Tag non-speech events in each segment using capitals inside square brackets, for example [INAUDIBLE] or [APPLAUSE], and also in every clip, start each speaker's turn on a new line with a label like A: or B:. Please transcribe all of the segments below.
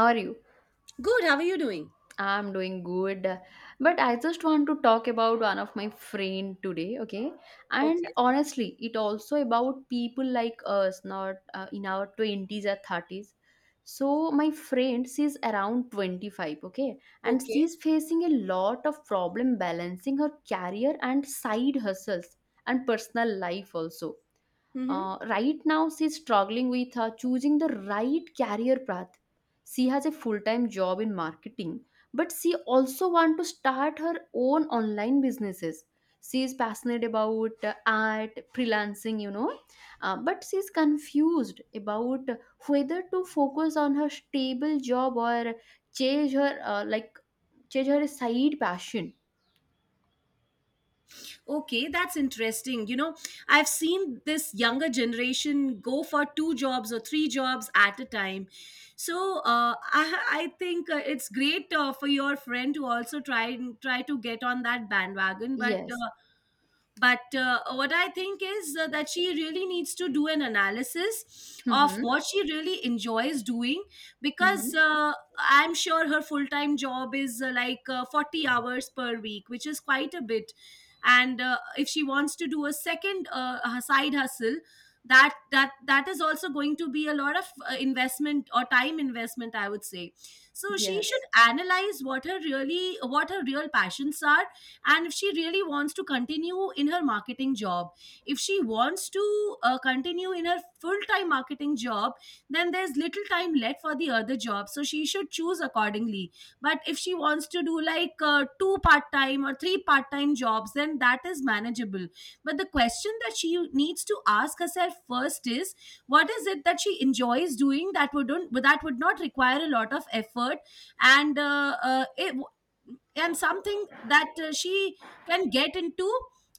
A: How are you?
B: Good. How are you doing?
A: I'm doing good. But I just want to talk about one of my friend today, okay? And
B: Okay.
A: honestly, it also about people like us, not in our 20s or 30s. So my friend, she's around 25, okay? And
B: Okay.
A: she's facing a lot of problem balancing her career and side hustles and personal life also
B: Hmm.
A: right now, she's struggling with choosing the right career path. She has a full-time job in marketing, but she also wants to start her own online businesses. She is passionate about art, freelancing, you know, but she's confused about whether to focus on her stable job or change her like change her side passion.
B: Okay, that's interesting. I've seen this younger generation go for two jobs or three jobs at a time. So I think it's great for your friend to also try and try to get on that bandwagon.
A: Yes.
B: But What I think is that she really needs to do an analysis of
A: Mm-hmm.
B: what she really enjoys doing
A: Mm-hmm.
B: because I'm sure her full time job is 40 hours per week, which is quite a bit. And if she wants to do a second side hustle, that is also going to be a lot of investment or time investment, I would say. So she should
A: Yes.
B: analyze what her real passions are. And if she really wants to continue in her marketing job, if she wants to continue in her full-time marketing job, then there's little time left for the other job, so she should choose accordingly. But if she wants to do like two part-time or three part-time jobs, then that is manageable. But the question that she needs to ask herself first is what is it that she enjoys doing that would not require a lot of effort, and and something that she can get into,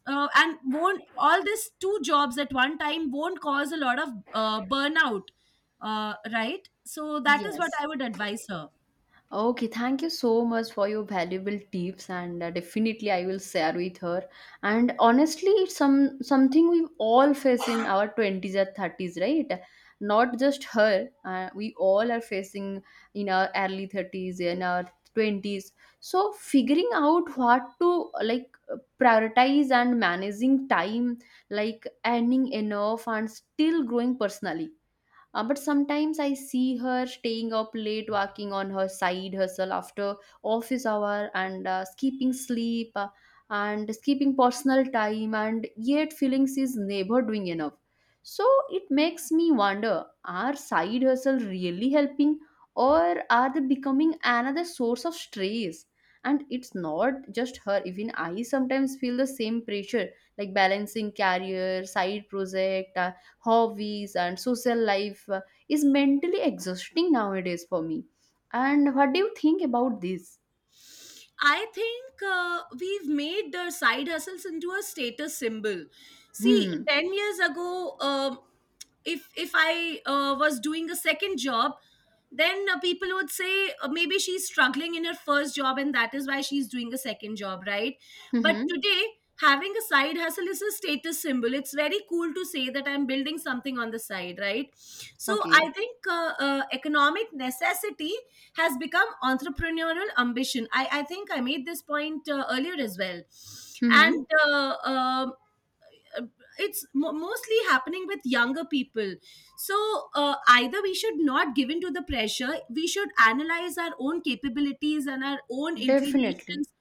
B: and won't all these two jobs at one time won't cause a lot of burnout. Right, so that is what
A: Yes.
B: I would advise her.
A: Okay, thank you so much for your valuable tips, and definitely I will share with her. And honestly, it's something we all face in our 20s or 30s, right? Not just her. We all are facing in our early 30s, in our 20s. So figuring out what to like prioritize and managing time, like earning enough and still growing personally but sometimes I see her staying up late, working on her side hustle after office hour, and skipping sleep, and skipping personal time, and yet feeling she's never doing enough. So it makes me wonder: are side hustle really helping, or are they becoming another source of stress? And it's not just her. Even I sometimes feel the same pressure, like balancing career, side project, hobbies and social life is mentally exhausting nowadays for me. And what do you think about this?
B: I think we've made the side hustles into a status symbol. See,
A: Hmm.
B: 10 years ago, if I was doing a second job, then people would say maybe she's struggling in her first job and that is why she's doing a second job, right? But
A: Mm-hmm.
B: today, having a side hustle is a status symbol. It's very cool to say that I'm building something on the side, right? So I
A: Okay.
B: think economic necessity has become entrepreneurial ambition. I think I made this point earlier as well.
A: Mm-hmm.
B: And uh, it's mostly happening with younger people. So either we should not give in to the pressure, we should analyze our own capabilities and our own
A: Definitely.
B: inclinations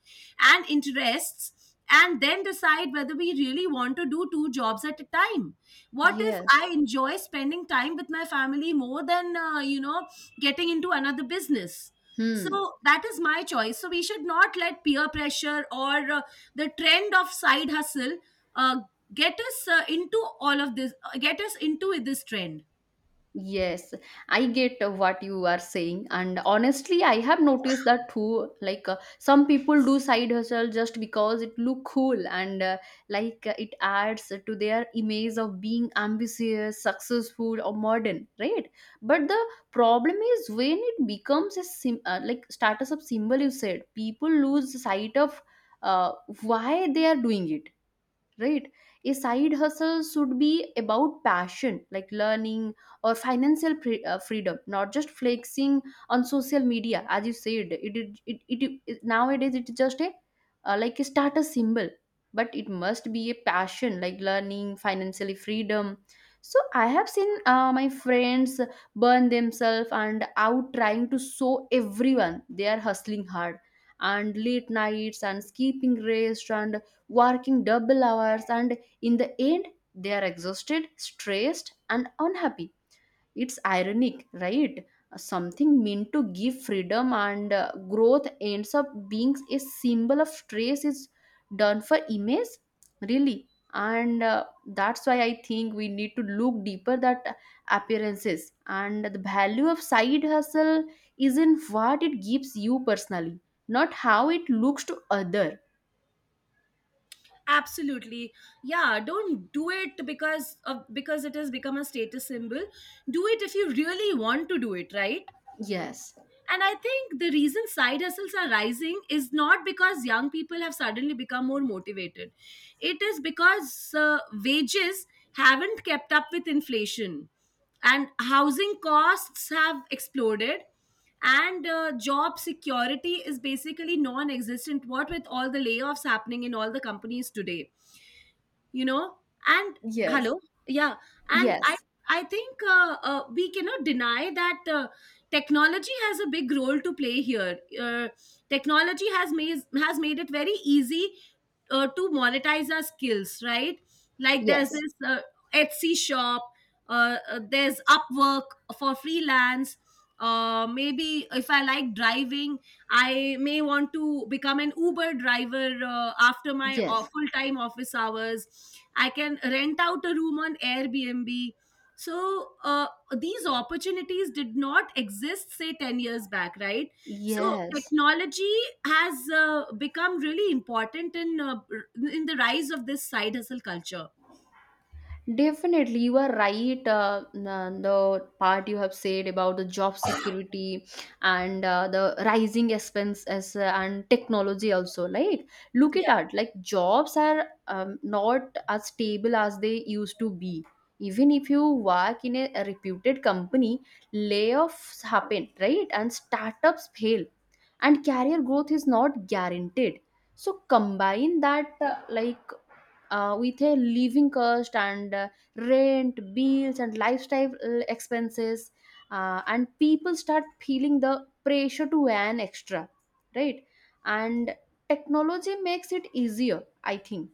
B: and interests. And then decide whether we really want to do two jobs at a time. What if
A: Yes.
B: I enjoy spending time with my family more than, getting into another business?
A: Hmm.
B: So that is my choice. So we should not let peer pressure or the trend of side hustle uh, get us into all of this, get us into this trend.
A: Yes, I get what you are saying, and honestly, I have noticed that too. Like some people do side hustle just because it look cool and it adds to their image of being ambitious, successful, or modern, right? But the problem is when it becomes a sim like status of symbol. You said people lose sight of uh, why they are doing it, right? A side hustle should be about passion, like learning or financial freedom, not just flexing on social media. As you said, it nowadays it's just a like a status symbol, but it must be a passion like learning financially freedom. So I have seen my friends burn themselves and out trying to show everyone they are hustling hard, and late nights and skipping rest and working double hours, and in the end, they are exhausted, stressed, and unhappy. It's ironic, right? Something meant to give freedom and growth ends up being a symbol of stress is done for image, really. And that's why I think we need to look deeper that appearances, and the value of side hustle is in what it gives you personally, not how it looks to other.
B: Absolutely. Yeah, don't do it because it has become a status symbol. Do it if you really want to do it, right?
A: Yes.
B: And I think the reason side hustles are rising is not because young people have suddenly become more motivated. It is because wages haven't kept up with inflation, and housing costs have exploded, and job security is basically non-existent, what with all the layoffs happening in all the companies today, you know. And yeah, hello.
A: Yes.
B: Yeah, and i
A: Yes,
B: i think we cannot deny that technology has a big role to play here. uh, Technology has made it very easy to monetize our skills, right? Like there's
A: yes,
B: this Etsy shop, there's Upwork for freelance. Maybe if I like driving, I may want to become an Uber driver after my
A: yes,
B: full time office hours. I can rent out a room on Airbnb. So, these opportunities did not exist, say, 10 years back, right? So,
A: yes.
B: technology has become really important in the rise of this side hustle culture.
A: Definitely, you are right. The part you have said about the job security and the rising expenses and technology also. Like, look at that. Like, jobs are not as stable as they used to be. Even if you work in a reputed company, layoffs happen, right? And startups fail, and career growth is not guaranteed. So combine that, with a living cost and rent, bills, and lifestyle expenses, and people start feeling the pressure to earn extra, right? And technology makes it easier, I think,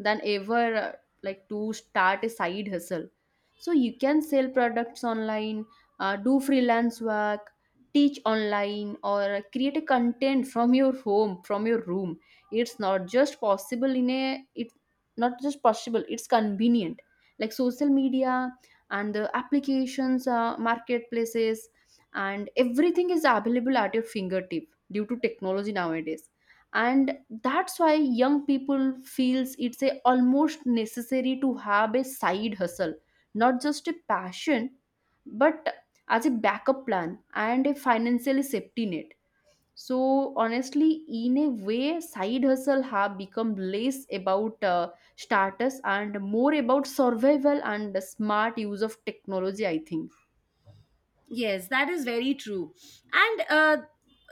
A: than ever like to start a side hustle, so you can sell products online, do freelance work, teach online, or create a content from your home from your room. It's not just possible in a it's not just possible, it's convenient, like social media and the applications, marketplaces, and everything is available at your fingertip due to technology nowadays. And that's why young people feels it's a almost necessary to have a side hustle, not just a passion, but as a backup plan and a financial safety net. So honestly, in a way side hustle have become less about status and more about survival and the smart use of technology, I think.
B: Yes, that is very true. And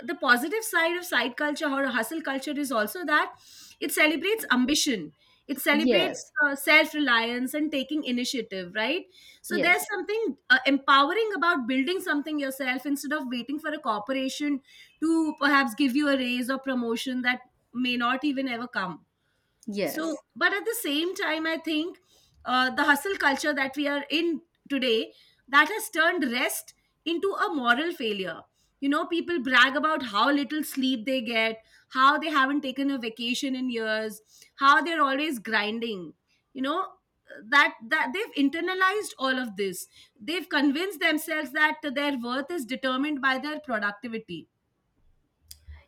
B: the positive side of side culture or hustle culture is also that it celebrates ambition, it celebrates
A: Yes.
B: self reliance and taking initiative, right? So
A: Yes.
B: there's something empowering about building something yourself instead of waiting for a corporation to perhaps give you a raise or promotion that may not even ever come. So
A: Yes.
B: but at the same time, I think the hustle culture that we are in today, that has turned rest into a moral failure. You know, people brag about how little sleep they get, how they haven't taken a vacation in years, how they're always grinding. You know, that they've internalized all of this. They've convinced themselves that their worth is determined by their productivity.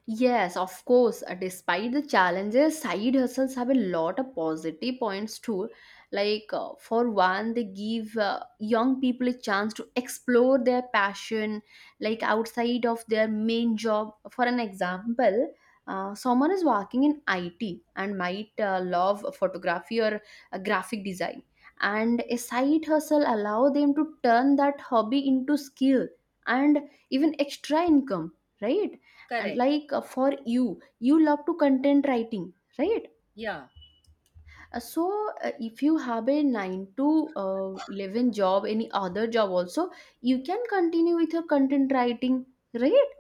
A: Yes, of course. Despite the challenges, side hustles have a lot of positive points too. Like, for one, they give young people a chance to explore their passion, like outside of their main job. For an example, someone is working in IT and might love photography or graphic design. And a side hustle allow them to turn that hobby into skill and even extra income, right? And
B: Correct.
A: like for you love to content writing, right?
B: Yeah.
A: So if you have a 9 to uh, 11 job any other job also, you can continue with your content writing, right?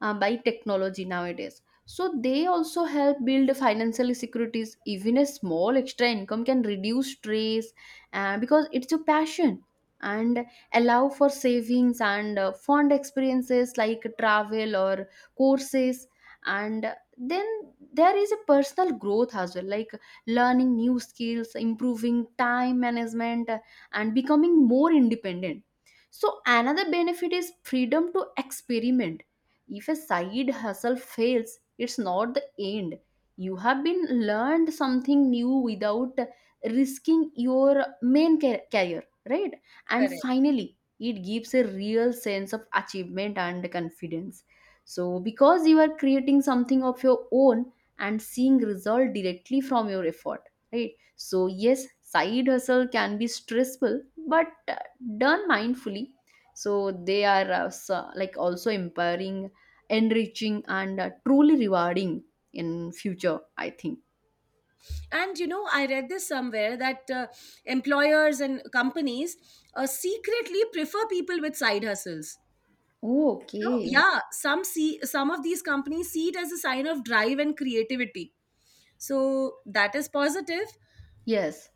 A: By technology nowadays. So they also help build financial securities. Even a small extra income can reduce stress because it's your passion, and allow for savings and fond experiences like travel or courses. And then there is a personal growth as well, like learning new skills, improving time management, and becoming more independent. So another benefit is freedom to experiment. If a side hustle fails, it's not the end. You have been learned something new without risking your main career, right? And
B: Correct.
A: finally, it gives a real sense of achievement and confidence, so because you are creating something of your own and seeing result directly from your effort, right? So yes, side hustle can be stressful, but done mindfully, so they are like also empowering, enriching, and truly rewarding in future, I think.
B: And you know, I read this somewhere that employers and companies secretly prefer people with side hustles.
A: Oh,
B: You know,
A: okay.
B: yeah, some of these companies see it as a sign of drive and creativity. So that is positive, positive.
A: Yes,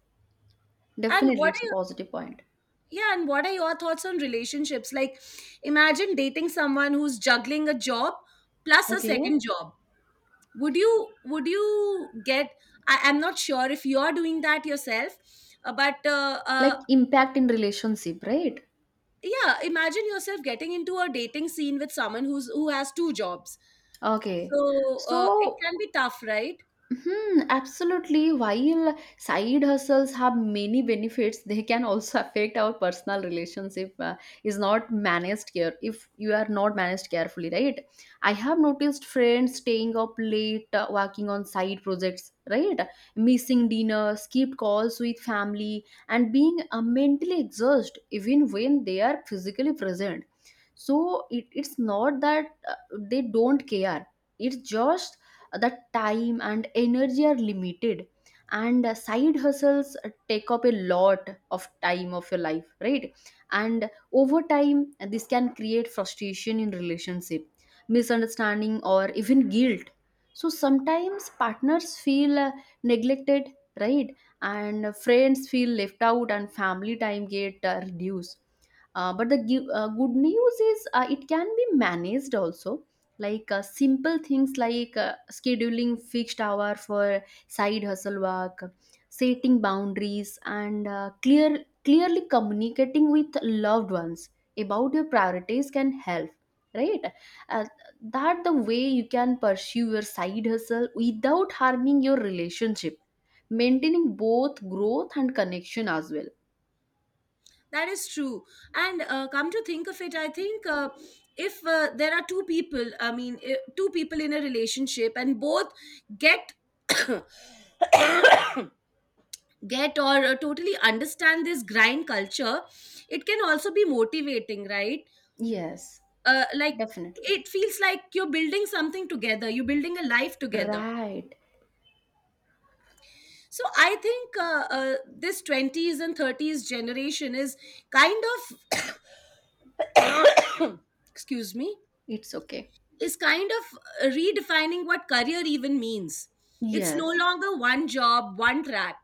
B: And
A: definitely
B: what
A: it's a
B: are
A: positive point.
B: your, yeah, and what are your thoughts on relationships? Like, imagine dating someone who's juggling a job plus a
A: Okay.
B: second job. Would you get, I'm not sure if you're doing that yourself, but
A: Like impact in relationship, right?
B: yeah, imagine yourself getting into a dating scene with someone who has two jobs.
A: Okay,
B: So it can
A: so
B: be tough, right?
A: hmm, absolutely. While side hustles have many benefits, they can also affect our personal relations if is not managed care. If you are not managed carefully, right? I have noticed friends staying up late, working on side projects, right? Missing dinner, skipped calls with family, and being mentally exhausted even when they are physically present. So it's not that they don't care. It's just that time and energy are limited, and side hustles take up a lot of time of your life, right? And over time this can create frustration in relationship, misunderstanding, or even guilt. So sometimes partners feel neglected, right? And friends feel left out, and family time get reduced. But the good news is it can be managed also, like simple things like scheduling fixed hour for side hustle work, setting boundaries, and clearly communicating with loved ones about your priorities can help, right? uh, that the way you can pursue your side hustle without harming your relationship, maintaining both growth and connection as well.
B: That is true. And come to think of it, I think if there are two people in a relationship and both get [COUGHS] [CLEARS THROAT] get or totally understand this grind culture, it can also be motivating, right?
A: Yes.
B: Like
A: Definitely.
B: it feels like you're building something together, you're building a life together.
A: Right.
B: So I think this 20s and 30s generation is kind of, [COUGHS] excuse me,
A: It's okay.
B: is kind of redefining what career even means. It's no
A: Yes.
B: longer one job, one track.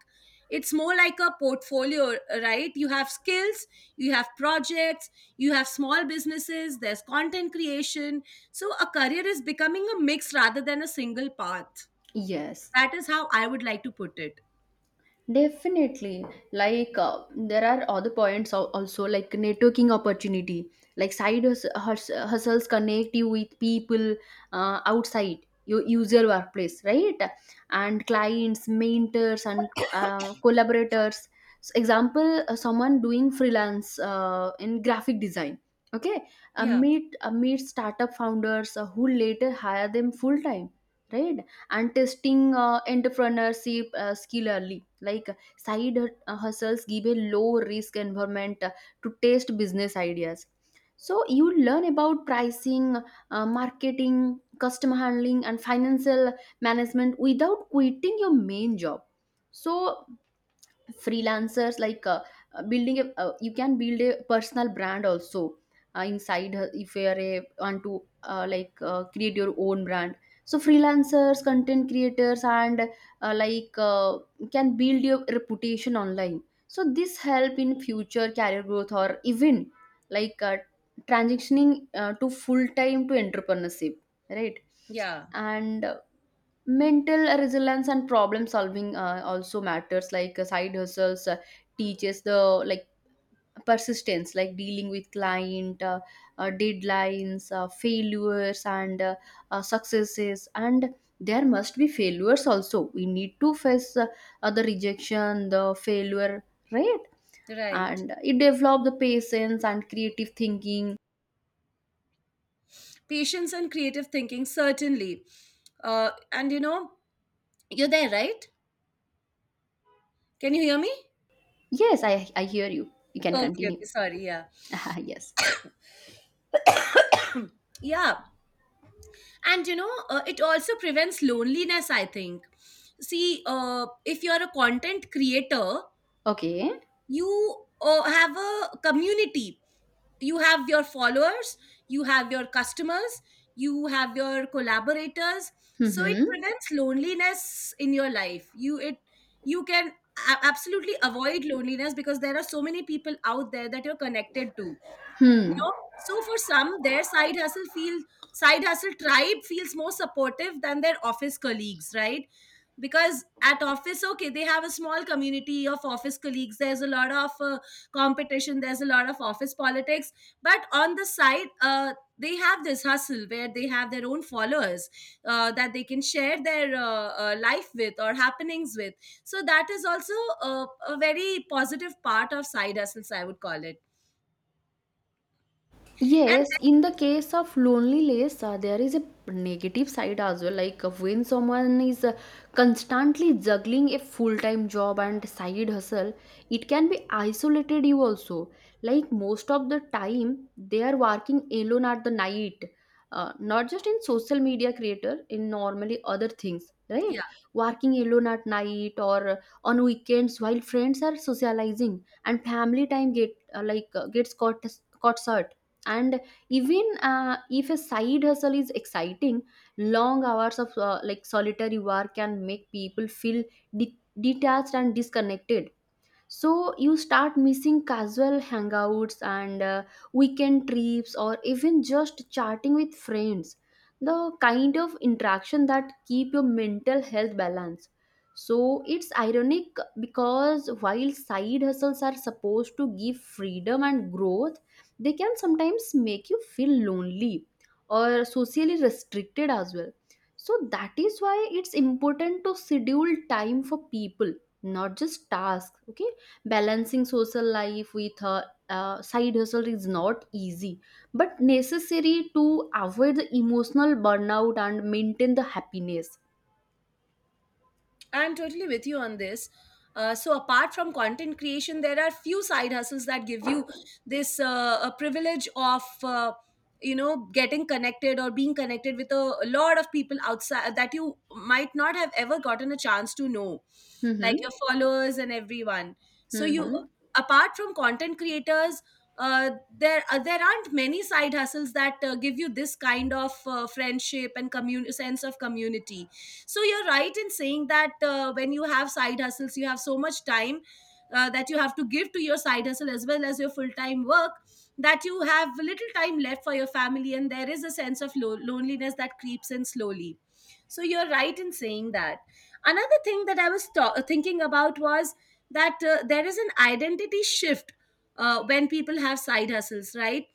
B: It's more like a portfolio, right? You have skills, you have projects, you have small businesses, there's content creation. So a career is becoming a mix rather than a single path.
A: Yes.
B: That is how I would like to put it.
A: Definitely. Like, there are other points also, like networking opportunity, like side hustles connect you with people outside your user workplace, right? And clients, mentors, and collaborators. So example, someone doing freelance in graphic design. Okay,
B: Yeah,
A: meet startup founders who later hire them full time, right? And testing entrepreneurship skill early. Like side hustles give a low risk environment to test business ideas. So you learn about pricing, marketing, customer handling, and financial management without quitting your main job. So freelancers like building a you can build a personal brand also inside if you are a want to create your own brand. So freelancers, content creators, and uh, like uh, can build your reputation online. So this help in future career growth or even like transitioning to full time to entrepreneurship, right?
B: yeah,
A: And mental resilience and problem solving also matters, like side hustles teaches the like persistence, like dealing with client deadlines, failures, and successes. And there must be failures also we need to face the rejection the failure, right?
B: right.
A: And it develop the patience and creative thinking.
B: Patience and creative thinking, certainly. And you know, you're there, right? Can you hear me?
A: Yes, I hear you, you can
B: Okay,
A: continue.
B: okay, sorry. Yeah.
A: [LAUGHS] Yes.
B: Yeah. And you know, it also prevents loneliness, I think. See, if you're a content creator,
A: Okay.
B: you have a community, you have your followers, you have your customers, you have your collaborators. So it
A: Mm-hmm.
B: prevents loneliness in your life. You can absolutely avoid loneliness because there are so many people out there that you're connected to, you
A: Hmm.
B: know. So for some, their side hustle tribe feels more supportive than their office colleagues, right? Because at office, okay, they have a small community of office colleagues, there's a lot of competition, there's a lot of office politics. But on the side, they have this hustle where they have their own followers that they can share their life with, or happenings with. So that is also a very positive part of side hustles, I would call it. and then,
A: Yes, in the case of loneliness, there is a negative side as well. Like when someone is constantly juggling a full time job and side hustle, it can be isolated you also. Like most of the time, they are working alone at the night, not just in social media creator, in normally other things, right?
B: yeah.
A: Working alone at night or on weekends while friends are socializing and family time get gets caught short, and even if a side hustle is exciting, long hours of solitary work can make people feel detached and disconnected. So you start missing casual hangouts and weekend trips, or even just chatting with friends, the kind of interaction that keep your mental health balanced. So it's ironic, because while side hustles are supposed to give freedom and growth, they can sometimes make you feel lonely or socially restricted as well. So that is why it's important to schedule time for people, not just tasks. Okay, balancing social life with a side hustle is not easy, but necessary to avoid the emotional burnout and maintain the happiness.
B: I'm totally with you on this. So apart from content creation, there are few side hustles that give you this a privilege of getting connected or being connected with a lot of people outside that you might not have ever gotten a chance to know, like
A: Mm-hmm.
B: your followers and everyone. So you
A: Mm-hmm.
B: Apart from content creators, uh, there aren't many side hustles that give you this kind of friendship and sense of community. So you're right in saying that when you have side hustles, you have so much time that you have to give to your side hustle as well as your full-time work, that you have little time left for your family, and there is a sense of loneliness that creeps in slowly. So you're right in saying that. Another thing that I was thinking about was that there is an identity shift when people have side hustles, right?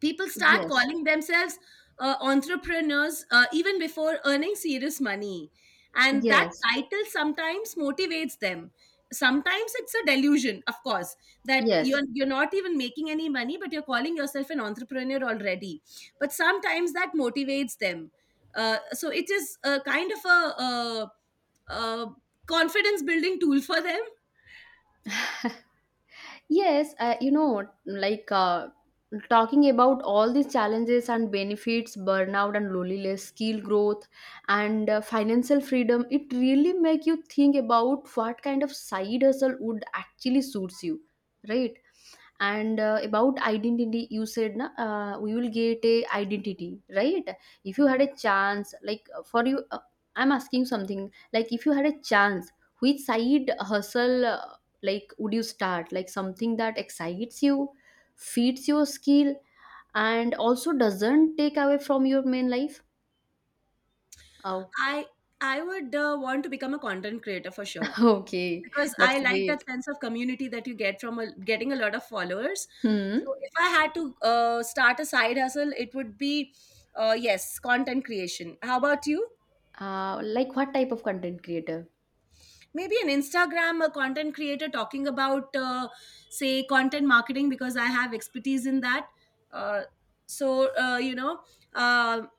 B: People start
A: Yes.
B: calling themselves entrepreneurs even before earning serious money, and that
A: Yes.
B: title sometimes motivates them. Sometimes it's a delusion, of course, that
A: Yes.
B: you're not even making any money but you're calling yourself an entrepreneur already. But sometimes that motivates them. So it is a kind of a, uh uh confidence building tool for them.
A: Yes, talking about all these challenges and benefits, burnout and loneliness, skill growth, and financial freedom, it really make you think about what kind of side hustle would actually suits you, right? And about identity, you said na, we will get a identity, right? If you had a chance, for you, I'm asking something, like if you had a chance, which side hustle would you start, like something that excites you, feeds your skill, and also doesn't take away from your main life? Oh.
B: i I would want to become a content creator for sure,
A: [LAUGHS] okay.
B: because I
A: That's
B: like that
A: great.
B: sense of community that you get from getting a lot of followers. So
A: Hmm.
B: if I had to start a side hustle, it would be, yes, content creation. How about you?
A: Like what type of content creator?
B: Maybe an Instagram a content creator talking about say content marketing, because I have expertise in that. Uh, so uh, you know, um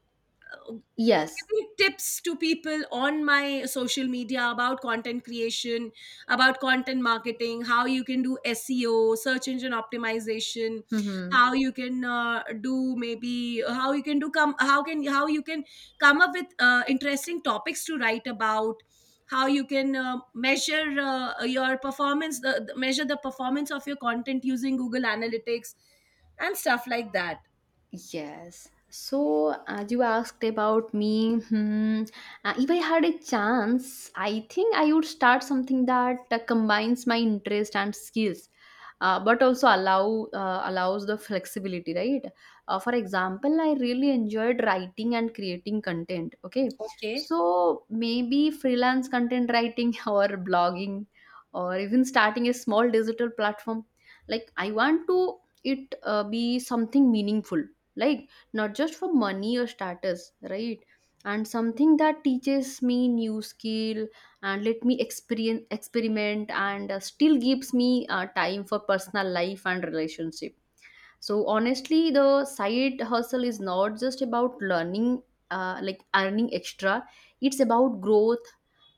B: uh,
A: Yes.
B: Giving tips to people on my social media about content creation, about content marketing, how you can do SEO, search engine optimization,
A: Hmm.
B: how you can do maybe how you can do come how can how you can come up with interesting topics to write about, how you can measure your performance measure the performance of your content using Google Analytics and stuff like that.
A: Yes. So, as you asked about me, hmm, if I had a chance, I think I would start something that combines my interest and skills, but also allows the flexibility, right? For example, I really enjoyed writing and creating content. Okay,
B: Okay.
A: so maybe freelance content writing [LAUGHS] or blogging, or even starting a small digital platform. Like I want to it be something meaningful, like not just for money or status, right? And something that teaches me new skill, and let me experience experiment, and still gives me time for personal life and relationship. So honestly the side hustle is not just about learning, like earning extra. It's about growth,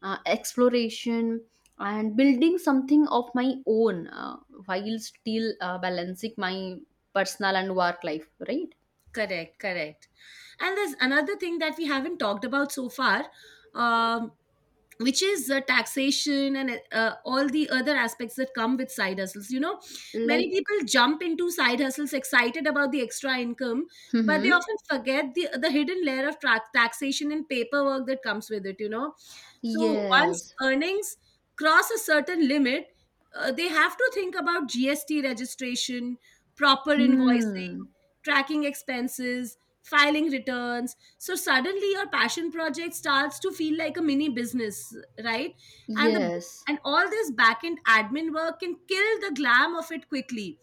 A: exploration, and building something of my own, while still balancing my personal and work life, right?
B: Correct, correct. And there's another thing that we haven't talked about so far. Um, which is taxation and all the other aspects that come with side hustles. Many
A: Like,
B: people jump into side hustles excited about the extra income, but they
A: hmm.
B: often forget the hidden layer of taxation and paperwork that comes with it. So once
A: Yes.
B: earnings cross a certain limit, they have to think about GST registration, proper invoicing,
A: Hmm.
B: tracking expenses, filing returns. So suddenly your passion project starts to feel like a mini business, right? And the,
A: Yes.
B: and all this back end admin work can kill the glam of it quickly.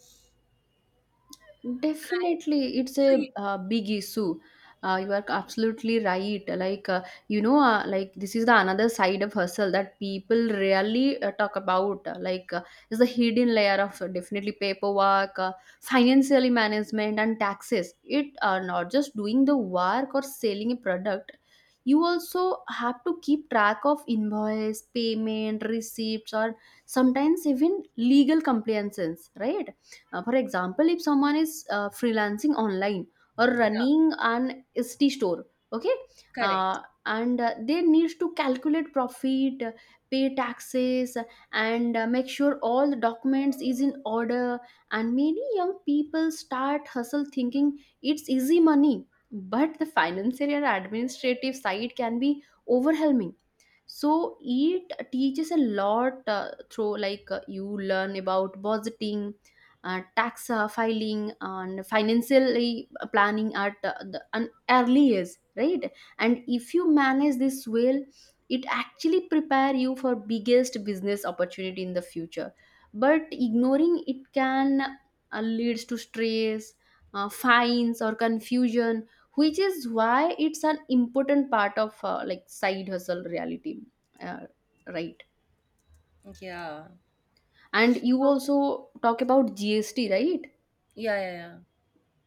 B: Right.
A: Definitely, it's
B: So you.
A: a big issue. You are absolutely right. This is the another side of hustle that people rarely talk about. Is the hidden layer of definitely paperwork, financial management, and taxes. It are not just doing the work or selling a product. You also have to keep track of invoice, payment, receipts, or sometimes even legal compliances, right? For example, if someone is freelancing online or
B: Yeah,
A: running an ST store. Okay.
B: correct.
A: uh, and They need to calculate profit, pay taxes, and make sure all the documents is in order. And many young people start hustle thinking it's easy money, but the financial and administrative side can be overwhelming. So it teaches a lot, through like you learn about budgeting, tax filing, and financially planning at an early years, right? And if you manage this well, it actually prepare you for biggest business opportunity in the future. But ignoring it can leads to stress, fines, or confusion, which is why it's an important part of side hustle reality, uh, right?
B: Yeah.
A: And you also talk about GST, right?
B: Yeah, yeah, yeah.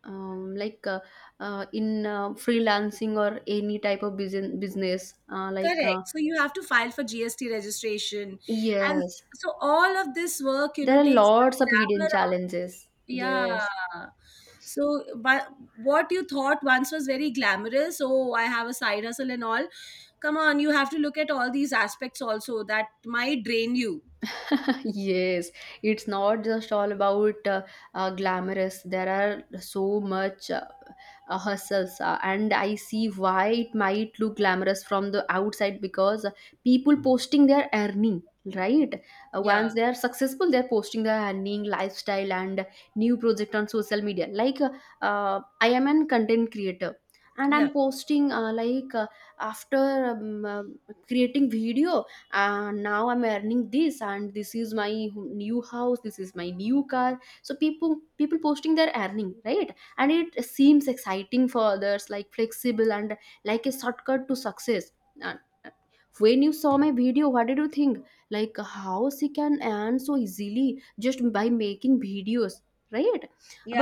A: like in freelancing or any type of business
B: Correct. So you have to file for GST registration, and
A: yes,
B: so all of this work you
A: there
B: know
A: are
B: takes
A: lots
B: the
A: of hidden
B: glamour out.
A: challenges, yes.
B: Yeah. So but what you thought once was very glamorous, oh, I have a side hustle and all, come on, you have to look at all these aspects also that might drain you.
A: [LAUGHS] yes. It's not just all about glamorous, there are so much herself, and I see why it might look glamorous from the outside, because people posting their earning, right?
B: Yeah.
A: Once they are successful, they're posting their earning, lifestyle, and new project on social media, like I am an content creator, and
B: Yeah.
A: I'm posting after um, uh, creating video, now I'm earning this, and this is my new house, this is my new car. So people posting their earning, right? And it seems exciting for others, like flexible and like a shortcut to success. And when you saw my video, what did you think, like how she can earn so easily just by making videos, right?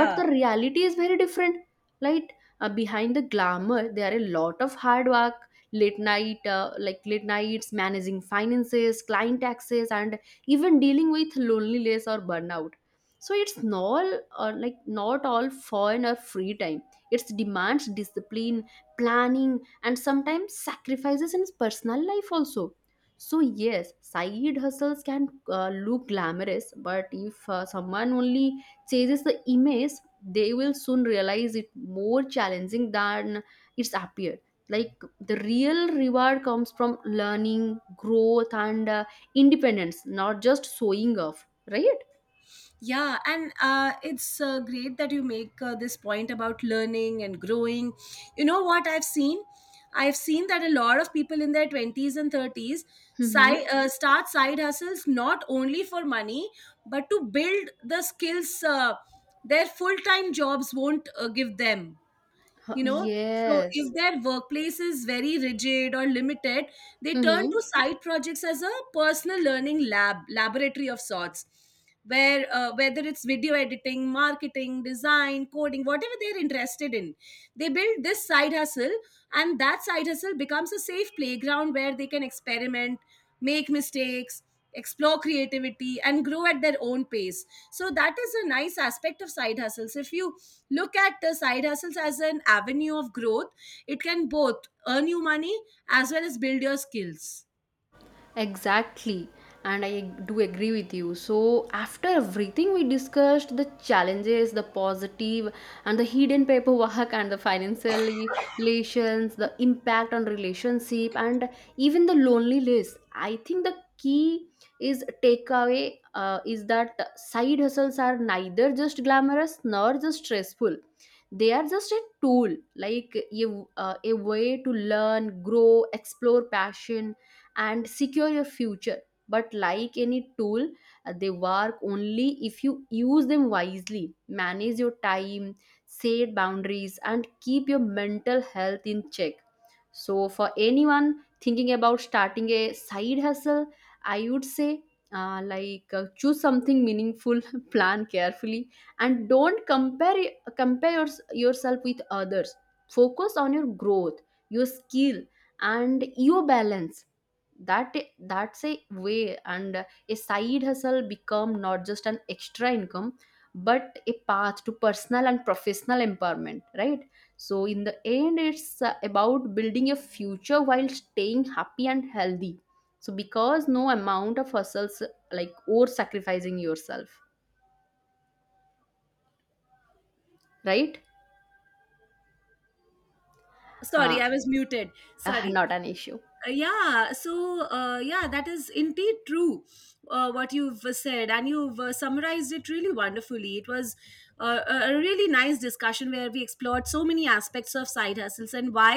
A: But the reality is very different. like Behind the glamour there are a lot of hard work, late nights, managing finances, client, taxes, and even dealing with loneliness or burnout. So it's not, or like, not all fun or free time. It demands discipline, planning, and sometimes sacrifices in personal life also. So yes, side hustles can look glamorous, but if someone only chases the image, they will soon realize it more challenging than it's appeared. Like the real reward comes from learning, growth, and independence, not just showing off, right?
B: Yeah, and it's great that you make this point about learning and growing. You know what I've seen, I've seen that a lot of people in their 20s and 30s
A: Mm-hmm.
B: start side hustles not only for money, but to build the skills their full-time jobs won't give them
A: Huh,
B: you know So if
A: yes.
B: their workplace is very rigid or limited, they turn
A: Hmm.
B: to side projects as a personal learning laboratory of sorts, where whether it's video editing, marketing, design, coding, whatever they're interested in, they build this side hustle, and that side hustle becomes a safe playground where they can experiment, make mistakes, explore creativity and grow at their own pace. So that is a nice aspect of side hustles. If you look at the side hustles as an avenue of growth, it can both earn you money as well as build your skills.
A: Exactly, and I do agree with you. So, after everything we discussed, the challenges, the positive, and the hidden paperwork, and the financial relations, the impact on relationship, and even the loneliness, I think the key is takeaway is that side hustles are neither just glamorous nor just stressful. They are just a tool, like a way to learn, grow, explore passion, and secure your future. But like any tool, they work only if you use them wisely, manage your time, set boundaries, and keep your mental health in check. So for anyone thinking about starting a side hustle, I would say, choose something meaningful, [LAUGHS] plan carefully, and don't compare yourself with others. Focus on your growth, your skill, and your balance. that that's a way, and a side hustle become not just an extra income, but a path to personal and professional empowerment, right? So in the end it's about building a future while staying happy and healthy. So because no amount of hustles, like or sacrificing yourself, right? Uh,
B: Sorry, I was muted.
A: [LAUGHS]
B: Sorry.
A: not an issue.
B: Yeah, so yeah, that is indeed true, what you've said, and you've summarized it really wonderfully. It was a really nice discussion where we explored so many aspects of side hustles, and why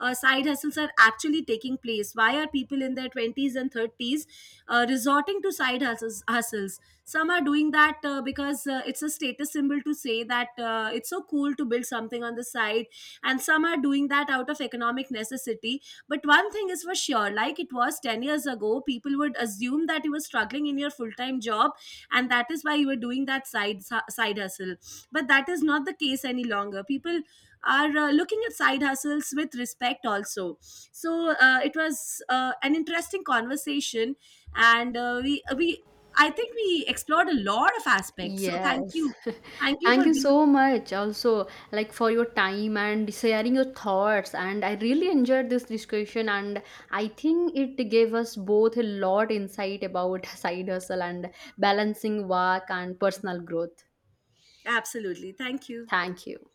B: side hustles are actually taking place, why are people in their 20s and 30s resorting to side hustles. Some are doing that because it's a status symbol to say that it's so cool to build something on the side, and some are doing that out of economic necessity. But one thing is for sure, like it was 10 years ago, people would assume that you were struggling in your full time job, and that is why you were doing that side hustle. But that is not the case any longer. People are looking at side hustles with respect also. So it was an interesting conversation, and I think we explored a lot of aspects. So thank
A: Yes.
B: you. Thank you
A: Thank
B: for
A: you
B: being
A: so much also, like for your time and sharing your thoughts, and I really enjoyed this discussion, and I think it gave us both a lot insight about [LAUGHS] side hustle and balancing work and personal growth.
B: absolutely. Thank you.
A: Thank you.